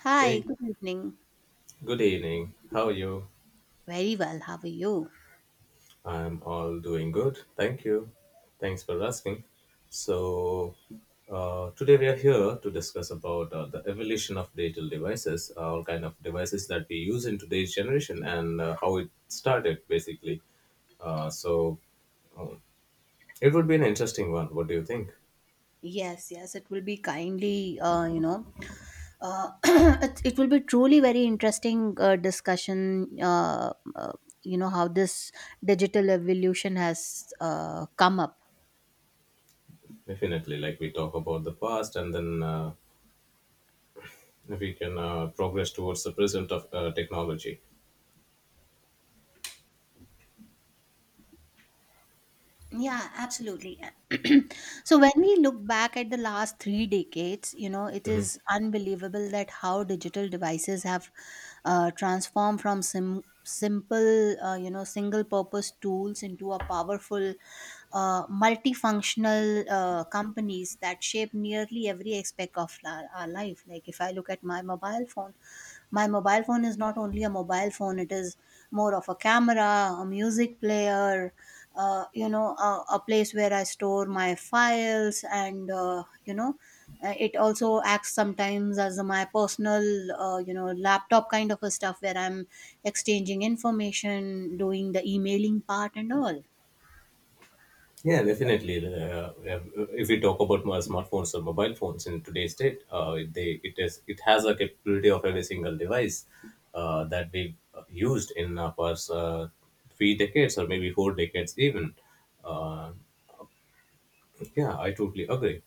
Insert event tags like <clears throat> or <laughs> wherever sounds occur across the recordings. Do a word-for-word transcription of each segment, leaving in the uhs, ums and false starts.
Hi, Hey, good evening. good evening. How are you? Very well. How are you? I'm all doing good. Thank you. Thanks for asking. So, uh, Today we are here to discuss about uh, the evolution of digital devices, uh, all kind of devices that we use in today's generation, and uh, how it started basically. Uh, so, uh, it would be an interesting one. What do you think? Yes, yes, it will be kindly, uh, you know, uh, <clears throat> it, it will be truly very interesting uh, discussion. Uh, uh, you know how this digital evolution has uh, come up. Definitely, like we talk about the past, and then uh, we can uh, progress towards the present of uh, technology. Yeah, So, absolutely. <clears throat> So when we look back at the last three decades, you know, it mhm. is unbelievable that how digital devices have uh, transformed from sim- simple, uh, you know, single-purpose tools into a powerful, uh, multifunctional uh, companies that shape nearly every aspect of la- our life. Like if I look at my mobile phone, my mobile phone is not only a mobile phone; it is more of a camera, a music player, uh, you know a, a place where I store my files, and uh, you know uh, it also acts sometimes as my personal uh, you know laptop kind of a stuff where I'm exchanging information, doing the emailing part and all. Yeah, definitely. Uh, if we talk about my smartphones or mobile phones in today's state, uh, they it is it has a capability of every single device uh, that we used in our past, uh, three decades or maybe four decades even. Uh, yeah, I totally agree.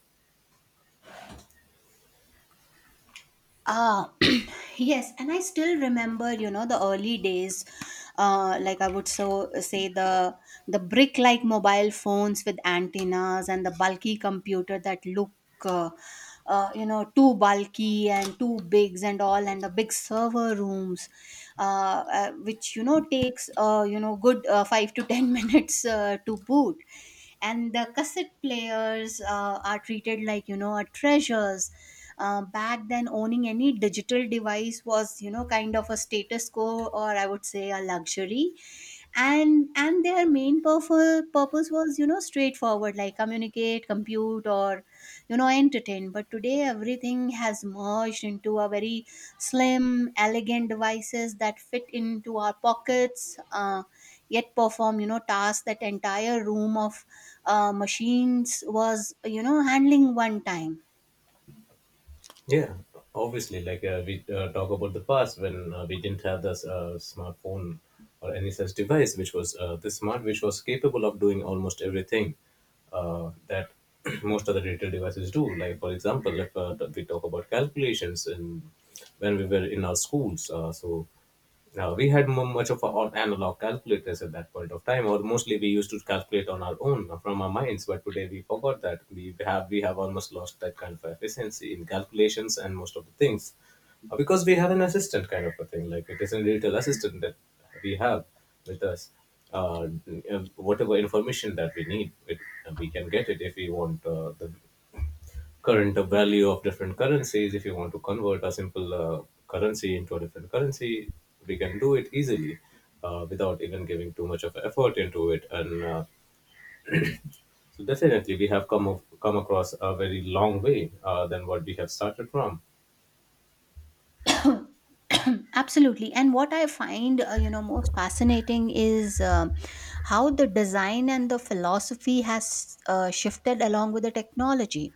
Ah, <clears throat> yes, and I still remember, you know, the early days, uh, like I would so say the the brick-like mobile phones with antennas and the bulky computer that look, uh, uh, you know, too bulky and too bigs and all, and the big server rooms, uh, uh, which you know takes, uh, you know, good uh, five to ten <laughs> minutes uh, to boot, and the cassette players uh, are treated like you know are treasures. Uh, back then, owning any digital device was, you know, kind of a status quo, or I would say a luxury. And and their main purpose purpose was, you know, straightforward, like communicate, compute or, you know, entertain. But today everything has merged into a very slim, elegant devices that fit into our pockets, uh, yet perform, you know, tasks that entire room of uh, machines was, you know, handling one time. Yeah, obviously, like uh, we uh, talk about the past when uh, we didn't have this uh, smartphone or any such device, which was uh, this smart, which was capable of doing almost everything uh, that <clears throat> most other digital devices do. Like, for example, if uh, we talk about calculations and when we were in our schools, uh, so now, we had mu- much of our analog calculators at that point of time, or mostly we used to calculate on our own uh, from our minds. But today we forgot that we have we have almost lost that kind of efficiency in calculations and most of the things, Uh, because we have an assistant kind of a thing. Like it is a digital assistant that we have with us. Uh, uh, Whatever information that we need, it, we can get it. If we want uh, the current value of different currencies, if you want to convert a simple uh, currency into a different currency, we can do it easily uh, without even giving too much of effort into it. And uh, so, definitely, we have come of, come across a very long way uh, than what we have started from. <coughs> <clears throat> Absolutely. And what I find, uh, you know, most fascinating is um how the design and the philosophy has uh, shifted along with the technology.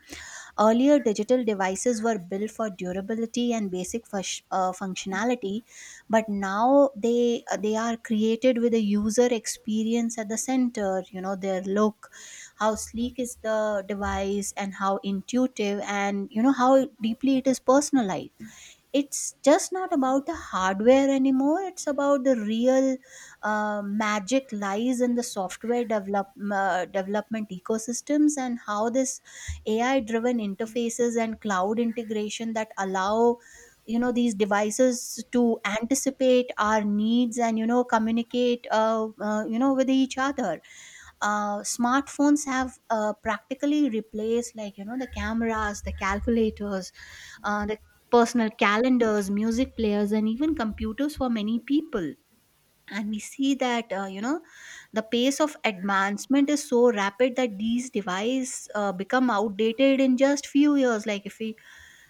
Earlier, digital devices were built for durability and basic fush uh, functionality, but now they uh, they are created with a user experience at the center. You know, their look, how sleek is the device, and how intuitive, and you know how deeply it is personalized. It's just not about the hardware anymore; it's about the real uh, magic lies in the software develop, uh, development ecosystems, and how this AI driven interfaces and cloud integration that allow, you know, these devices to anticipate our needs and, you know, communicate uh, uh, you know with each other. Uh, smartphones have uh, practically replaced, like you know, the cameras, the calculators, uh, the personal calendars, music players, and even computers for many people. And we see that, uh, you know, the pace of advancement is so rapid that these devices uh, become outdated in just few years. Like if we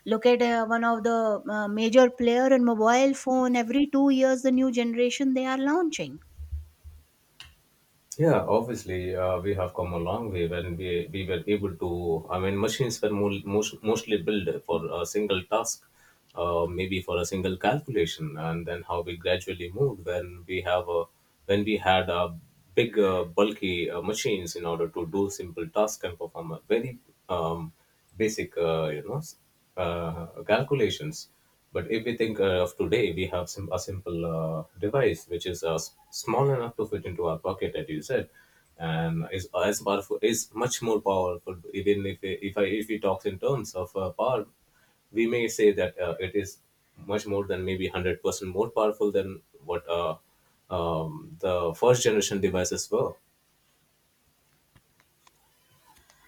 look at uh, one of the uh, major player in mobile phone, every two years the new generation they are launching. Yeah, obviously, uh, we have come a long way when we, we were able to. I mean, machines were mo- most, mostly built for a single task, uh, maybe for a single calculation, and then how we gradually moved when we have a, when we had a big, uh, bulky uh, machines in order to do simple tasks and perform a very um, basic uh, you know s- uh, calculations. But if we think uh, of today, we have some a simple uh, device which is uh, s- small enough to fit into our pocket, as you said, and is uh, as powerful is much more powerful. Even if we- if I if we talk in terms of uh, power, we may say that uh, it is much more than maybe one hundred percent more powerful than what uh, um, the first generation devices were.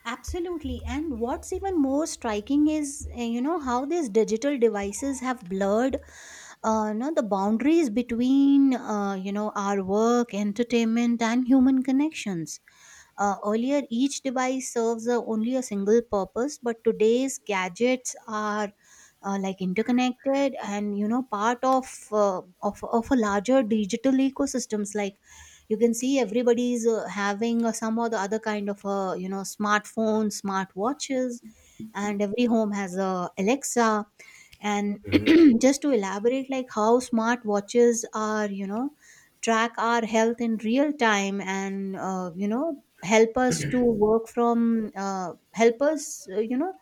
Absolutely. And what's even more striking is, uh, you know, how these digital devices have blurred, uh, no, the boundaries between, uh, you know, our work, entertainment, and human connections. Uh, earlier, each device serves a, only a single purpose, but today's gadgets are uh, like interconnected, and you know part of uh, of of a larger digital ecosystems. Like you can see everybody's uh, having uh, some or the other kind of, uh, you know, smartphones, smart watches, and every home has a Alexa. And Mm-hmm. <clears throat> just to elaborate like how smart watches are, you know, track our health in real time, and uh, you know help us to work from, uh, help us, uh, you know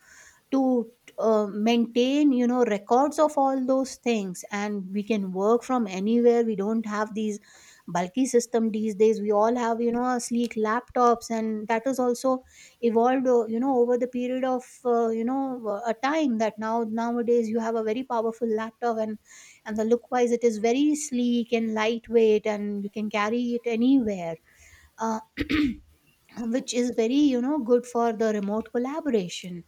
to uh, maintain, you know, records of all those things. And we can work from anywhere; we don't have these bulky system these days. We all have, you know, sleek laptops, and that is also evolved, uh, you know over the period of, uh, you know a time, that now nowadays you have a very powerful laptop, and and the look wise it is very sleek and lightweight, and you can carry it anywhere. uh, <clears throat> which is very, you know, good for the remote collaboration.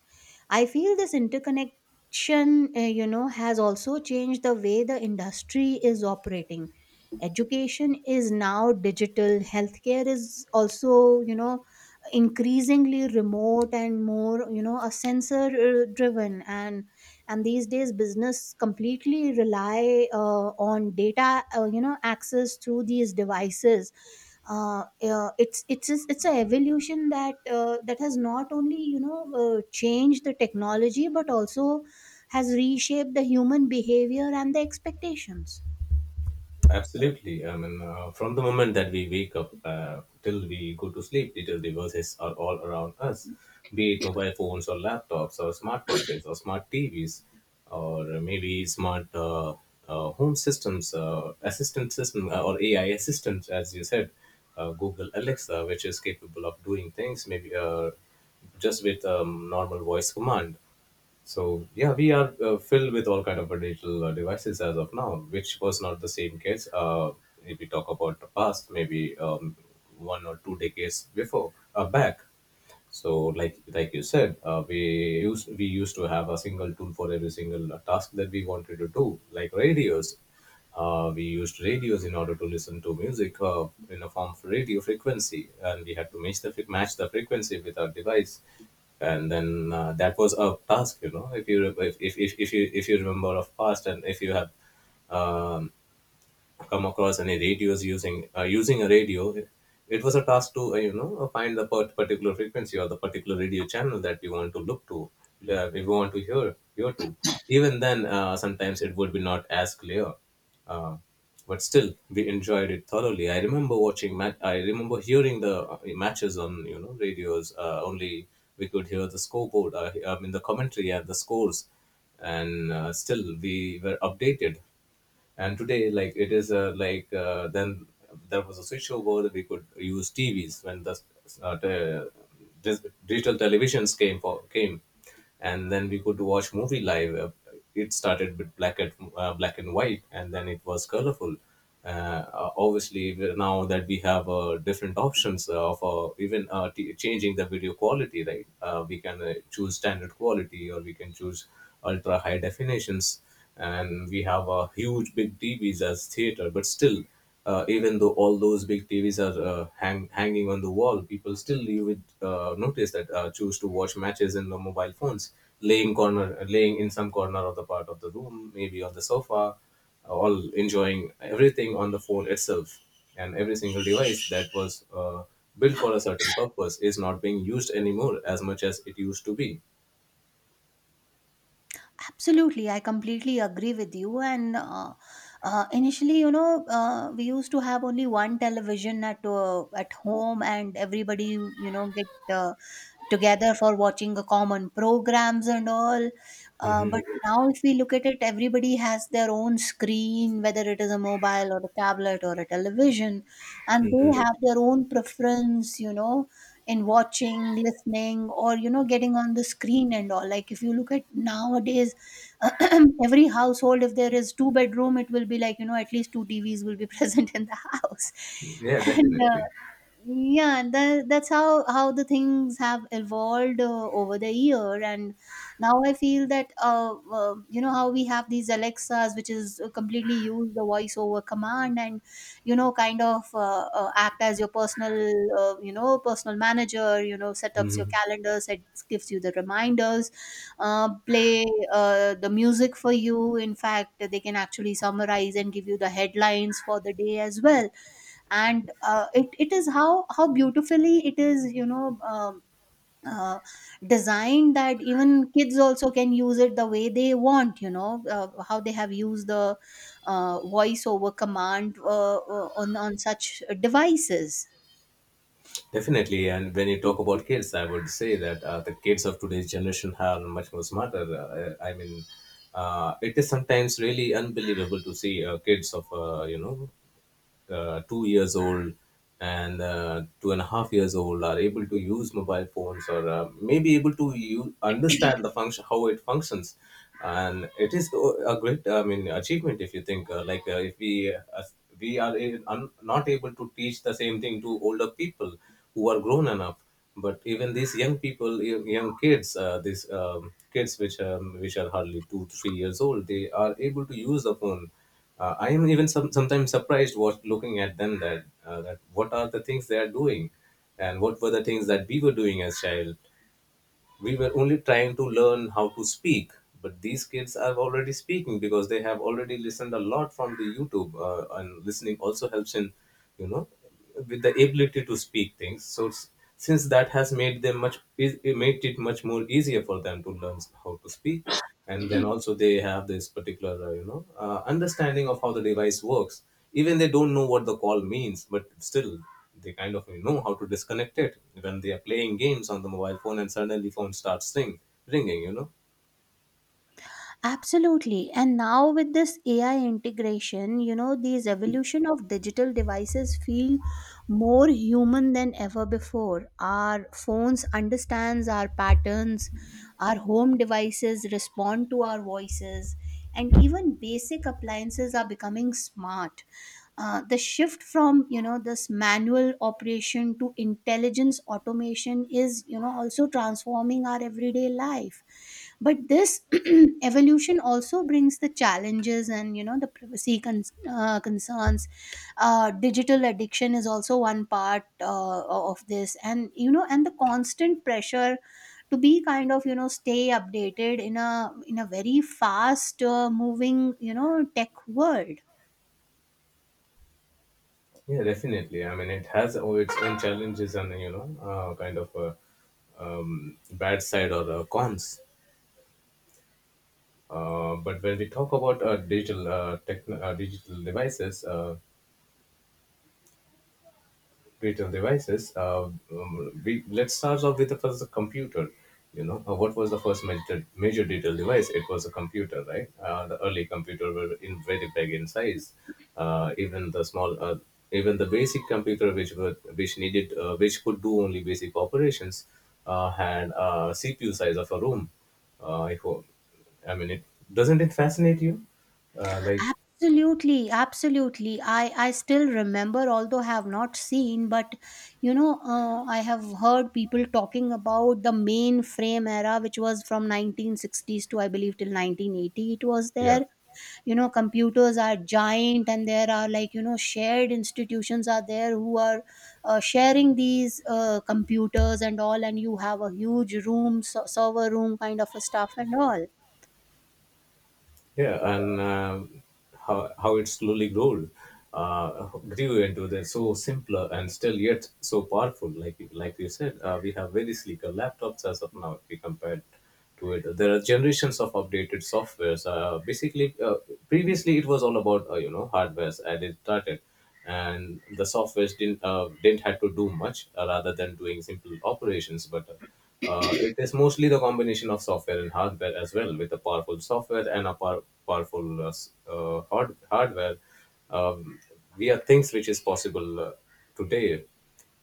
I feel this interconnection, uh, you know, has also changed the way the industry is operating. Education is now digital, healthcare is also, you know, increasingly remote and more, you know, a sensor uh, driven. And and these days business completely rely, uh, on data, uh, you know, access through these devices. Uh, uh, it's it's a- it's an evolution that uh, that has not only, you know, uh, changed the technology but also has reshaped the human behavior and the expectations. Absolutely. I mean, uh, from the moment that we wake up uh, till we go to sleep, digital devices are all around us, be it mobile phones or laptops or smartwatches or smart T Vs or maybe smart uh, uh, home systems, uh, assistant system, uh, or A I assistants, as you said, uh, Google Alexa, which is capable of doing things maybe uh, just with um, normal voice command. So yeah, we are uh, filled with all kind of uh, digital uh, devices as of now, which was not the same case. Uh, if we talk about the past, maybe um, one or two decades before uh, back. So like like you said, uh, we used we used to have a single tool for every single uh, task that we wanted to do, like radios. Uh, we used radios in order to listen to music uh, in a form of radio frequency, and we had to match the fre- match the frequency with our device. And then uh, that was a task. You know, if you re- if, if, if, if you if you remember of past, and if you have um, come across any radios, using uh, using a radio. It, it was a task to uh, you know uh, find the part- particular frequency or the particular radio channel that we want to look to, uh, if we want to hear hear to. Even then, uh, sometimes it would be not as clear. Uh, but still, we enjoyed it thoroughly. I remember watching. Ma- I remember hearing the uh, matches on, you know, radios. Uh, only we could hear the scoreboard. Uh, I mean the commentary and the scores, and uh, still we were updated. And today, like it is uh, like uh, then there was a switchover that we could use tvs when the uh, the dis- digital televisions came for came, and then we could watch movie live. Uh, it started with black and uh, black and white, and then it was colorful. Uh, uh, obviously, we- now that we have uh, different options uh, of uh, even uh, t- changing the video quality, right? Uh, we can uh, choose standard quality, or we can choose ultra high definitions. And we have uh, huge big tvs as theater, but still, uh, even though all those big tvs are uh, hang- hanging on the wall, people still, you would uh, notice that, uh, choose to watch matches in the mobile phones, laying corner, laying in some corner of the part of the room, maybe on the sofa, all enjoying everything on the phone itself. And every single device that was uh, built for a certain purpose is not being used anymore as much as it used to be. Absolutely, I completely agree with you. And, uh, uh, initially, you know, uh, we used to have only one television at, uh, at home, and everybody, you know, get uh, together for watching a common programs and all. Uh, but now if we look at it, everybody has their own screen, whether it is a mobile or a tablet or a television, and they have their own preference, you know, in watching, listening, or you know, getting on the screen and all. Like if you look at nowadays, <clears throat> every household, if there is two bedroom, it will be like, you know, at least two TVs will be <laughs> present in the house. Yeah, And uh, definitely. yeah, that, that's how how the things have evolved, uh, over the year. And now I feel that uh, uh, you know how we have these Alexas, which is, uh, completely use the voice over command, and you know kind of uh, uh, act as your personal, uh, you know personal manager, you know, set ups your Mhm. calendar, set, gives you the reminders, uh, play uh, the music for you. In fact, they can actually summarize and give you the headlines for the day as well. And uh, it, it is how how beautifully it is, you know, um, uh, designed, that even kids also can use it the way they want, you know, uh, how they have used the uh, voice over command, uh, uh, on on such devices. Definitely, and when you talk about kids, I would say that uh, the kids of today's generation are much more smarter. Uh, I mean, uh, it is sometimes really unbelievable to see uh, kids of uh, you know uh, two years old, and uh, two and a half years old, are able to use mobile phones, or uh, maybe able to u- understand the function, how it functions. And it is a great, I mean, achievement, if you think uh, like uh, if we uh, we are in, un, not able to teach the same thing to older people who are grown enough. But even these young people, young young kids, uh, these um, kids which um, which are hardly two three years old, they are able to use the phone. uh, I am even some, sometimes surprised what looking at them, that uh, that what are the things they are doing, and what were the things that we were doing as child. We were only trying to learn how to speak, but these kids are already speaking because they have already listened a lot from the YouTube, uh, and listening also helps in, you know, with the ability to speak things. So s- since that has made them much, it made it much more easier for them to learn how to speak. And then also they have this particular uh, you know uh, understanding of how the device works. Even they don't know what the call means, but still they kind of know how to disconnect it when they are playing games on the mobile phone and suddenly phone starts ring, ringing, you know. Absolutely. And now with this A I integration, you know, these evolution of digital devices feel more human than ever before. Our phones understands our patterns, our home devices respond to our voices, and even basic appliances are becoming smart. Uh, the shift from, you know, this manual operation to intelligence automation is, you know, also transforming our everyday life. But this <clears throat> evolution also brings the challenges, and you know the privacy cons- uh, concerns. Uh, digital addiction is also one part, uh, of this, and you know and the constant pressure to be kind of, you know, stay updated in a in a very fast, uh, moving, you know, tech world. Yeah, definitely, I mean, it has all its own challenges and, you know, uh, kind of uh, um, bad side or uh, cons. Uh, but when we talk about uh, digital uh, techn- uh, digital devices, uh, creative devices. Uh, um, we, let's start off with the first computer. You know, uh, what was the first major, major digital device? It was a computer, right? Uh, the early computer were in very big in size. Uh, even the small, uh, even the basic computer, which were, which needed, uh, which could do only basic operations, uh, had a C P U size of a room. Uh, I hope. I mean, it, doesn't it fascinate you? Uh, like, Absolutely, absolutely. I I still remember, although have not seen, but you know, uh, I have heard people talking about the mainframe era, which was from nineteen sixties to I believe till nineteen eighty. It was yeah. there. You know, computers are giant, and there are like you know shared institutions are there who are uh, sharing these uh, computers and all, and you have a huge room, so- server room kind of a stuff and all. Yeah, and um, how, how it slowly grew, uh, grew into the so simpler and still yet so powerful. Like like you said, uh, we have very sleeker laptops as of now. If we compare to it, there are generations of updated softwares. Uh, basically uh, Previously, it was all about uh, you know, hardwares, and it started, and the softwares didn't uh, didn't have to do much uh, rather than doing simple operations. But uh, uh, it is mostly the combination of software and hardware as well, with a powerful software and a power, powerful uh, s- uh, hard, hardware. Um, we are things which is possible uh, today.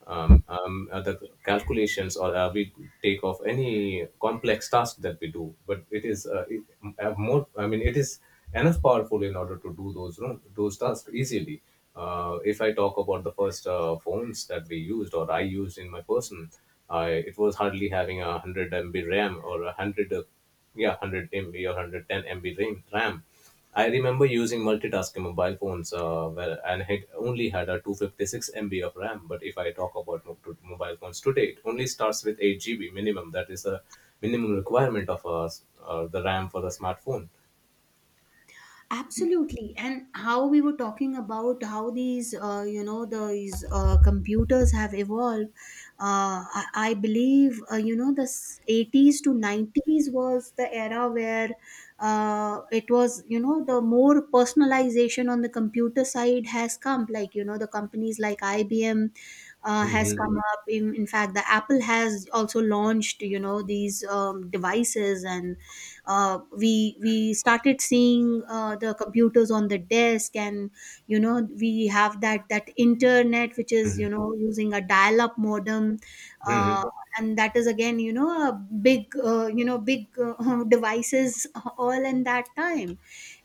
Um, um, uh, the calculations or uh, we take off any complex task that we do, but it is uh, it, uh, more. I mean, it is enough powerful in order to do those ro- those tasks easily. Uh, if I talk about the first uh, phones that we used or I used in my person, I it was hardly having a hundred M B RAM or a hundred, uh, yeah, hundred MB or one hundred ten MB RAM. RAM. I remember using multitasking mobile phones, uh, where and it only had a two fifty six M B of RAM. But if I talk about mo- to- mobile phones today, it only starts with eight G B minimum. That is the minimum requirement of uh, s- uh, the RAM for the smartphone. Absolutely. And how we were talking about how these, uh, you know, these uh, computers have evolved. Uh, I, I believe, uh, you know, the s- eighties to nineties was the era where uh, it was, you know, the more personalization on the computer side has come. Like, you know, the companies like I B M uh, has Hmm. come up. In, in fact, the Apple has also launched, you know, these um, devices. And uh, we we started seeing uh, the computers on the desk, and you know we have that that internet, which is, you know, using a dial up modem. Hmm. uh, and that is again, you know, a big uh, you know big uh, <laughs> devices all in that time.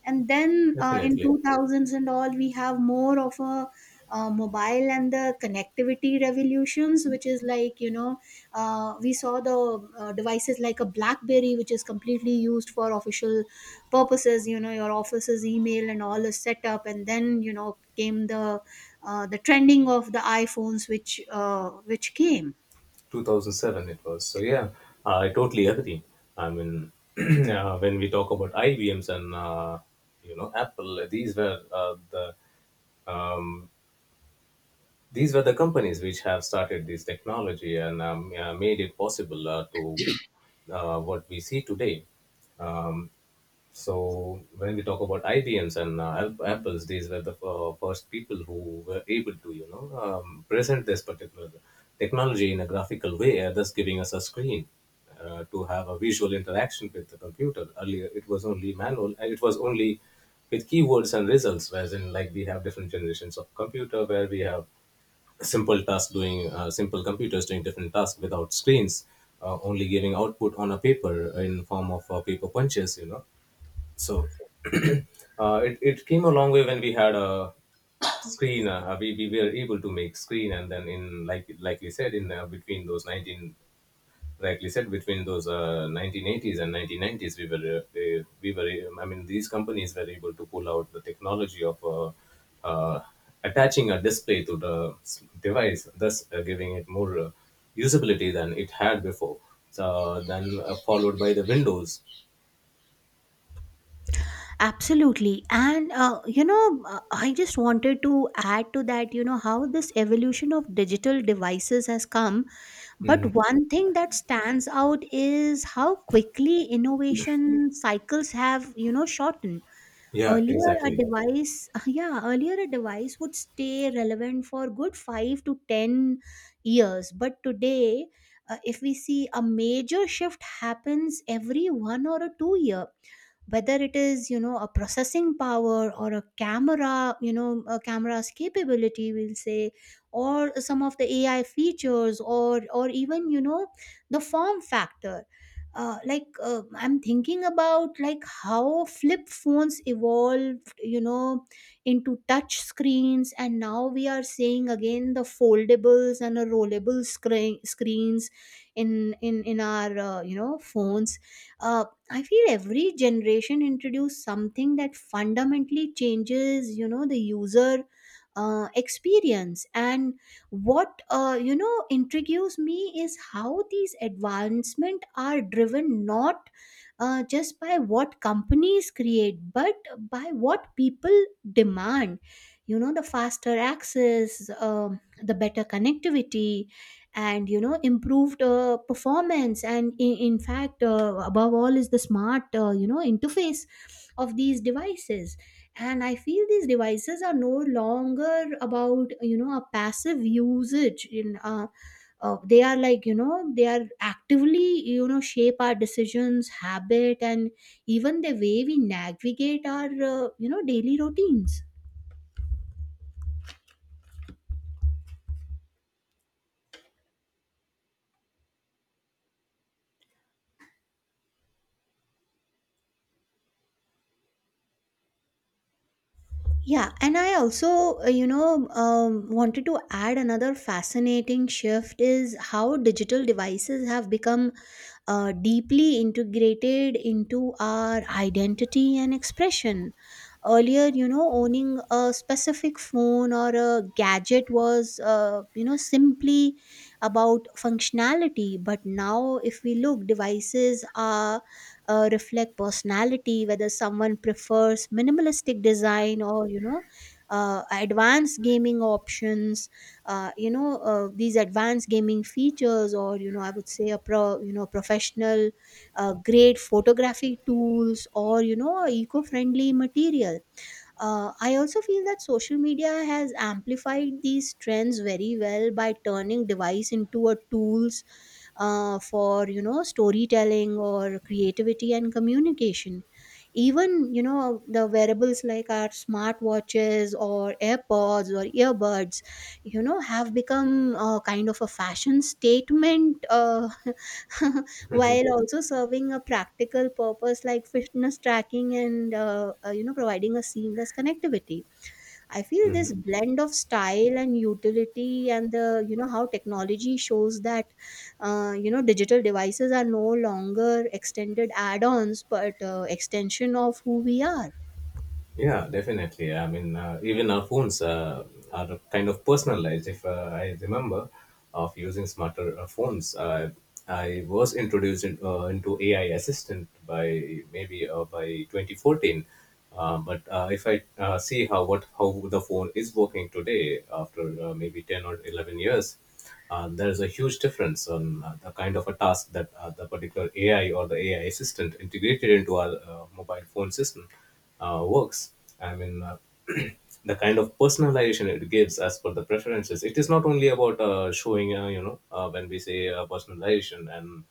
And then, uh, in Definitely. two thousands and all, we have more of a uh, mobile and the connectivity revolutions, which is like, you know, uh, we saw the uh, devices like a blackberry, which is completely used for official purposes, you know, your office's email and all is set up. And then, you know, came the uh, the trending of the iphones, which uh, which came. two thousand seven it was. So yeah, I totally agree. I mean, <clears throat> uh, when we talk about I B Ms and uh, you know Apple, these were uh, the um, these were the companies which have started this technology and um, uh, made it possible uh, to uh, what we see today. Um, so when we talk about I B Ms and uh, App- Apples, these were the uh, first people who were able to, you know, um, present this particular technology in a graphical way, uh, thus giving us a screen uh, to have a visual interaction with the computer. Earlier, it was only manual, and it was only with keywords and results. Whereas in like we have different generations of computer where we have simple tasks doing uh, simple computers doing different tasks without screens, uh, only giving output on a paper in form of uh, paper punches, you know so uh, it, it came a long way when we had a screen. Uh, we, we were able to make screen, and then in like like we said in uh, between those nineteen, like we said between those uh, nineteen eighties and nineteen nineties, we were uh, we, we were. um, I mean, these companies were able to pull out the technology of. Uh, uh, Attaching a display to the s- device, thus uh, giving it more uh, usability than it had before. So then uh, followed by the windows. Absolutely. And, uh, you know, uh, I just wanted to add to that, you know, how this evolution of digital devices has come. But one thing that stands out is how quickly innovation cycles have, you know, shortened. Yeah, Earlier, a exactly. device, <laughs> yeah, earlier a device would stay relevant for good five to ten years. But today, uh, if we see a major shift happens every one or a two year, whether it is, you know, a processing power or a camera, you know, a camera's capability we'll say, or some of the A I features or or even, you know, the form factor, uh, like uh, I'm thinking about like how flip phones evolved, you know, into touch screens. And now we are seeing again the foldables and the rollable screen screens in in in our, uh, you know, phones. Uh, I feel every generation introduce something that fundamentally changes, you know, the user uh, experience. And what, uh, you know, intrigues me is how these advancement are driven not, uh, just by what companies create, but by what people demand. You know, the faster access, um the better connectivity, and, you know, improved uh, performance, and in, in fact, uh, above all is the smart, uh, you know, interface of these devices. And I feel these devices are no longer about, you know, a passive usage in, uh, uh, they are, like, you know, they are actively, you know, shape our decisions habit and even the way we navigate our, uh, you know, daily routines. Yeah, and I also, uh, you know, um, wanted to add another fascinating shift is how digital devices have become uh, deeply integrated into our identity and expression. Earlier, you know, owning a specific phone or a gadget was, uh, you know, simply about functionality. But now, if we look, devices are, uh, reflect personality, whether someone prefers minimalistic design or, you know, uh, advanced gaming options, uh, you know uh, these advanced gaming features, or, you know, I would say a pro, you know, professional uh, grade photography tools, or, you know, eco-friendly material. uh, I also feel that social media has amplified these trends very well by turning device into a tools uh, for, you know, storytelling or creativity and communication. Even, you know, the wearables like our smartwatches or AirPods or earbuds, you know, have become, uh, kind of a fashion statement, uh, <laughs> while also serving a practical purpose like fitness tracking and, uh, uh, you know, providing a seamless connectivity. I feel this blend of style and utility, and the, you know, how technology shows that, uh, you know, digital devices are no longer extended add-ons, but, uh, extension of who we are. Yeah, definitely. I mean, uh, even our phones uh, are kind of personalized. If uh, I remember of using smarter uh, phones, uh, I was introduced in, uh, into A I assistant by maybe uh, by twenty fourteen. Uh, but uh, if I uh, see how what how the phone is working today after uh, maybe ten or eleven years, uh, there is a huge difference on uh, the kind of a task that uh, the particular A I or the A I assistant integrated into our uh, mobile phone system uh, works. I mean, uh, <clears throat> the kind of personalization it gives as per the preferences. It is not only about uh, showing, uh, you know, uh, when we say uh, personalization, and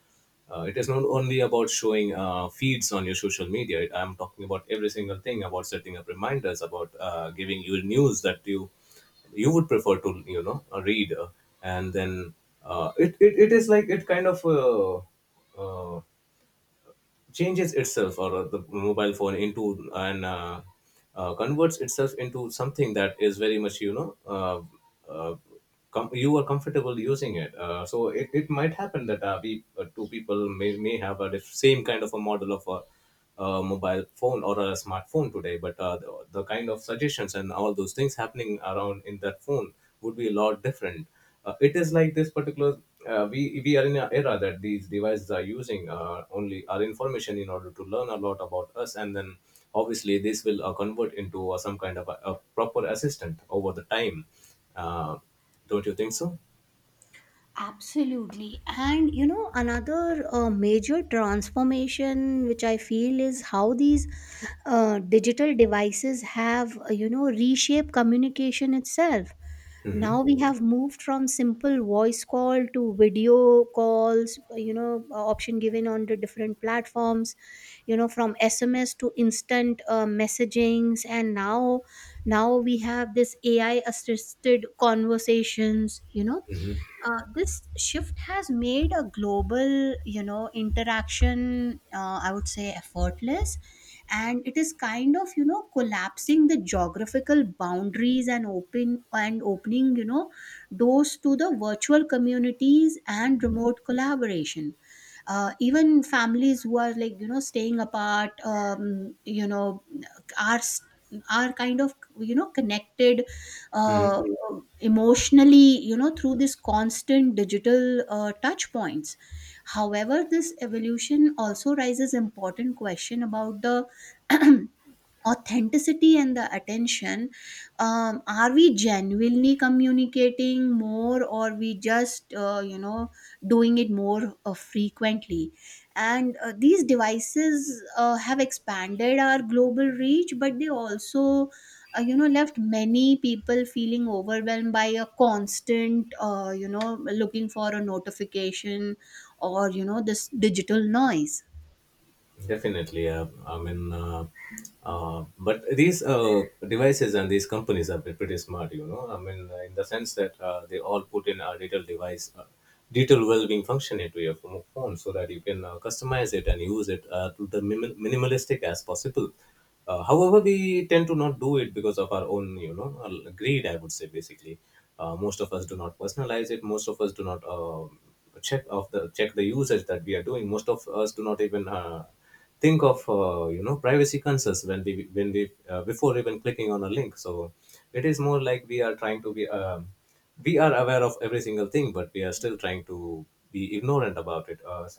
uh, it is not only about showing uh, feeds on your social media. It, I'm talking about every single thing about setting up reminders, about uh, giving you news that you you would prefer to you know uh, read uh, and then uh, it, it it is like it kind of uh, uh, changes itself, or uh, the mobile phone into, and uh, uh, converts itself into something that is very much you know uh, uh, com- you are comfortable using it uh, So it, it might happen that uh, we uh, two people may, may have a diff- same kind of a model of a a mobile phone or a smartphone today, but uh, the, the kind of suggestions and all those things happening around in that phone would be a lot different. Uh, it is like this particular uh, we we are in an era that these devices are using uh, only our information in order to learn a lot about us, and then obviously this will uh, convert into uh, some kind of a, a proper assistant over the time. uh, don't you think so? Absolutely. And you know, another uh, major transformation which I feel is how these uh, digital devices have, uh, you know, reshaped communication itself. Hmm. Now we have moved from simple voice call to video calls, uh, you know, uh, option given on the different platforms, you know, from S M S to instant uh, messagings. And now, now we have this A I assisted conversations, you know, uh, this shift has made a global, you know, interaction, uh, I would say, effortless. And it is kind of, you know, collapsing the geographical boundaries and open and opening, you know, doors to the virtual communities and remote collaboration. Uh, even families who are, like, you know, staying apart, um, you know, are s- are kind of, you know, connected, Hmm. uh, emotionally, you know, through this constant digital, uh, touch points. However, this evolution also raises important question about the <clears throat> authenticity and the attention. Um, are we genuinely communicating more, or we just, uh, you know, doing it more, uh, frequently? And, uh, these devices, uh, have expanded our global reach, but they also, uh, you know, left many people feeling overwhelmed by a constant, uh, you know, looking for a notification, or, you know, this digital noise. Definitely. uh, I mean, uh, uh, but these uh, devices and these companies are pre- pretty smart, you know. I mean, uh, in the sense that uh, they all put in a detailed device, uh, detailed well-being function into your pho- phone, so that you can uh, customize it and use it uh, to the minim- minimalistic as possible. Uh, however, we tend to not do it because of our own, you know, uh, greed. I would say basically, uh, most of us do not personalize it. Most of us do not Uh, check of the check the usage that we are doing. Most of us do not even uh, think of uh, you know privacy concerns when we when we uh, before even clicking on a link, so it is more like we are trying to be um, we are aware of every single thing, but we are still trying to be ignorant about it. uh,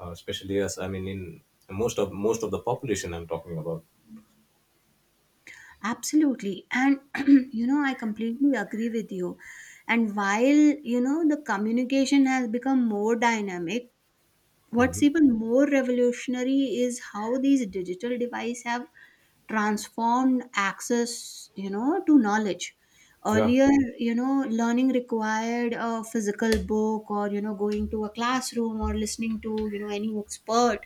uh, Especially us, I mean, in most of most of the population I'm talking about. Absolutely. And <clears throat> you know, I completely agree with you. And while, you know, the communication has become more dynamic, what's Hmm. even more revolutionary is how these digital devices have transformed access, you know, to knowledge. Yeah. Earlier, you know, learning required a physical book, or, you know, going to a classroom, or listening to, you know, any expert,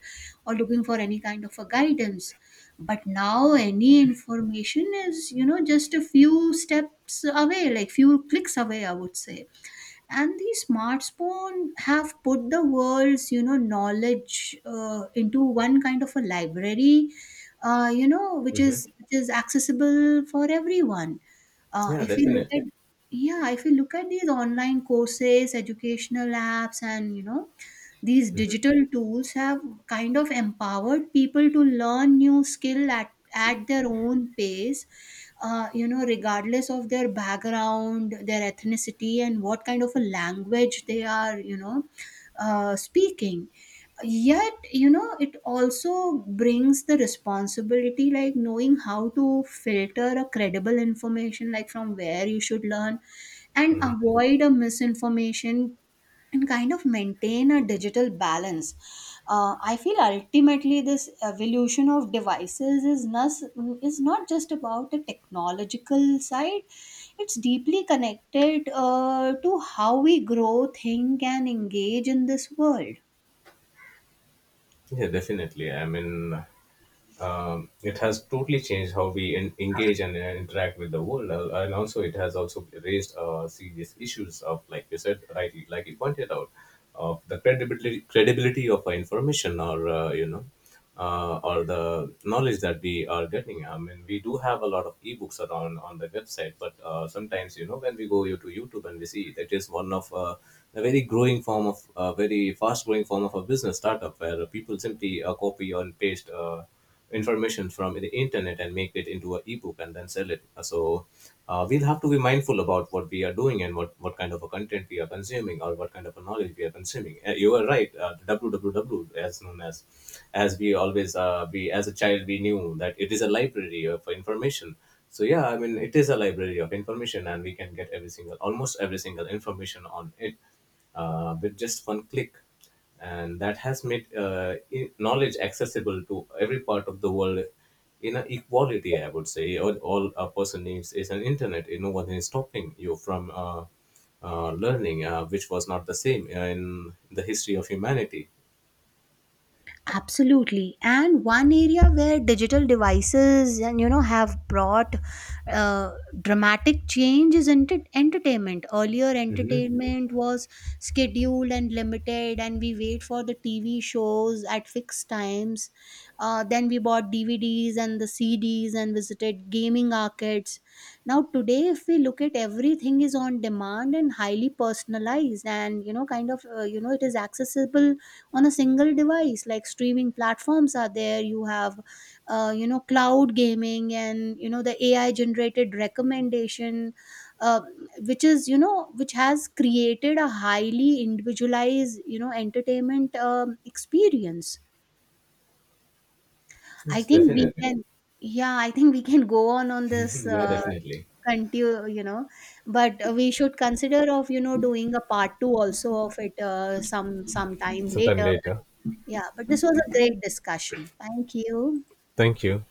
or looking for any kind of a guidance. But now, any information is, you know, just a few steps away, like few clicks away, I would say. And these smartphone have put the world's, you know, knowledge uh, into one kind of a library, uh, you know, which Hmm. is which is accessible for everyone. Uh, yeah, if you look definitely. at yeah If you look at these online courses, educational apps, and, you know, these digital tools have kind of empowered people to learn new skill at, at their own pace, uh, you know, regardless of their background, their ethnicity, and what kind of a language they are, you know, uh, speaking. Yet, you know, it also brings the responsibility, like knowing how to filter a credible information, like from where you should learn, and avoid a misinformation, and kind of maintain a digital balance. Uh, I feel ultimately this evolution of devices is not, is not just about the technological side, it's deeply connected, uh, to how we grow, think, and engage in this world. Yeah, definitely. I mean, um, it has totally changed how we in, engage and uh, interact with the world. Uh, and also it has also raised uh, serious issues of, like you said, rightly, like you pointed out, of the credibility credibility of our information, or uh, you know uh, or the knowledge that we are getting. I mean, we do have a lot of ebooks around on the website, but uh, sometimes you know when we go to YouTube and we see that is one of uh, a very growing form of a very fast growing form of a business startup where people simply uh, copy and paste. Uh, information from the internet and make it into an ebook and then sell it. So uh, we'll have to be mindful about what we are doing and what, what kind of a content we are consuming or what kind of a knowledge we are consuming. Uh, you are right. Uh, www, as known as, as we always, uh, we as a child, we knew that it is a library of information. So yeah, I mean it is a library of information, and we can get every single, almost every single information on it, uh, with just one click. And that has made uh, i- knowledge accessible to every part of the world in an equality, I would say. All, all a person needs is an internet. You know no one is stopping you from uh, uh, learning, uh, which was not the same uh, in the history of humanity. Absolutely. And one area where digital devices and you know, have brought, uh, dramatic change is enter- entertainment. Earlier, Hmm. entertainment was scheduled and limited, and we wait for the T V shows at fixed times. Uh, then we bought D V Ds and the C Ds and visited gaming arcades. Now today, if we look at, everything is on demand and highly personalized, and, you know, kind of, uh, you know, it is accessible on a single device. Like, streaming platforms are there, you have, uh, you know, cloud gaming, and, you know, the A I generated recommendation, uh, which is, you know, which has created a highly individualized, you know, entertainment, um, experience. I Yes, think we definitely. can Yeah, I think we can go on on this, <laughs> Yeah, uh, definitely. continue, you know. But, uh, we should consider of, you know, doing a part two also of it, uh, some sometime Sometime later. later. Yeah, but this was a great discussion. Thank you. Thank you.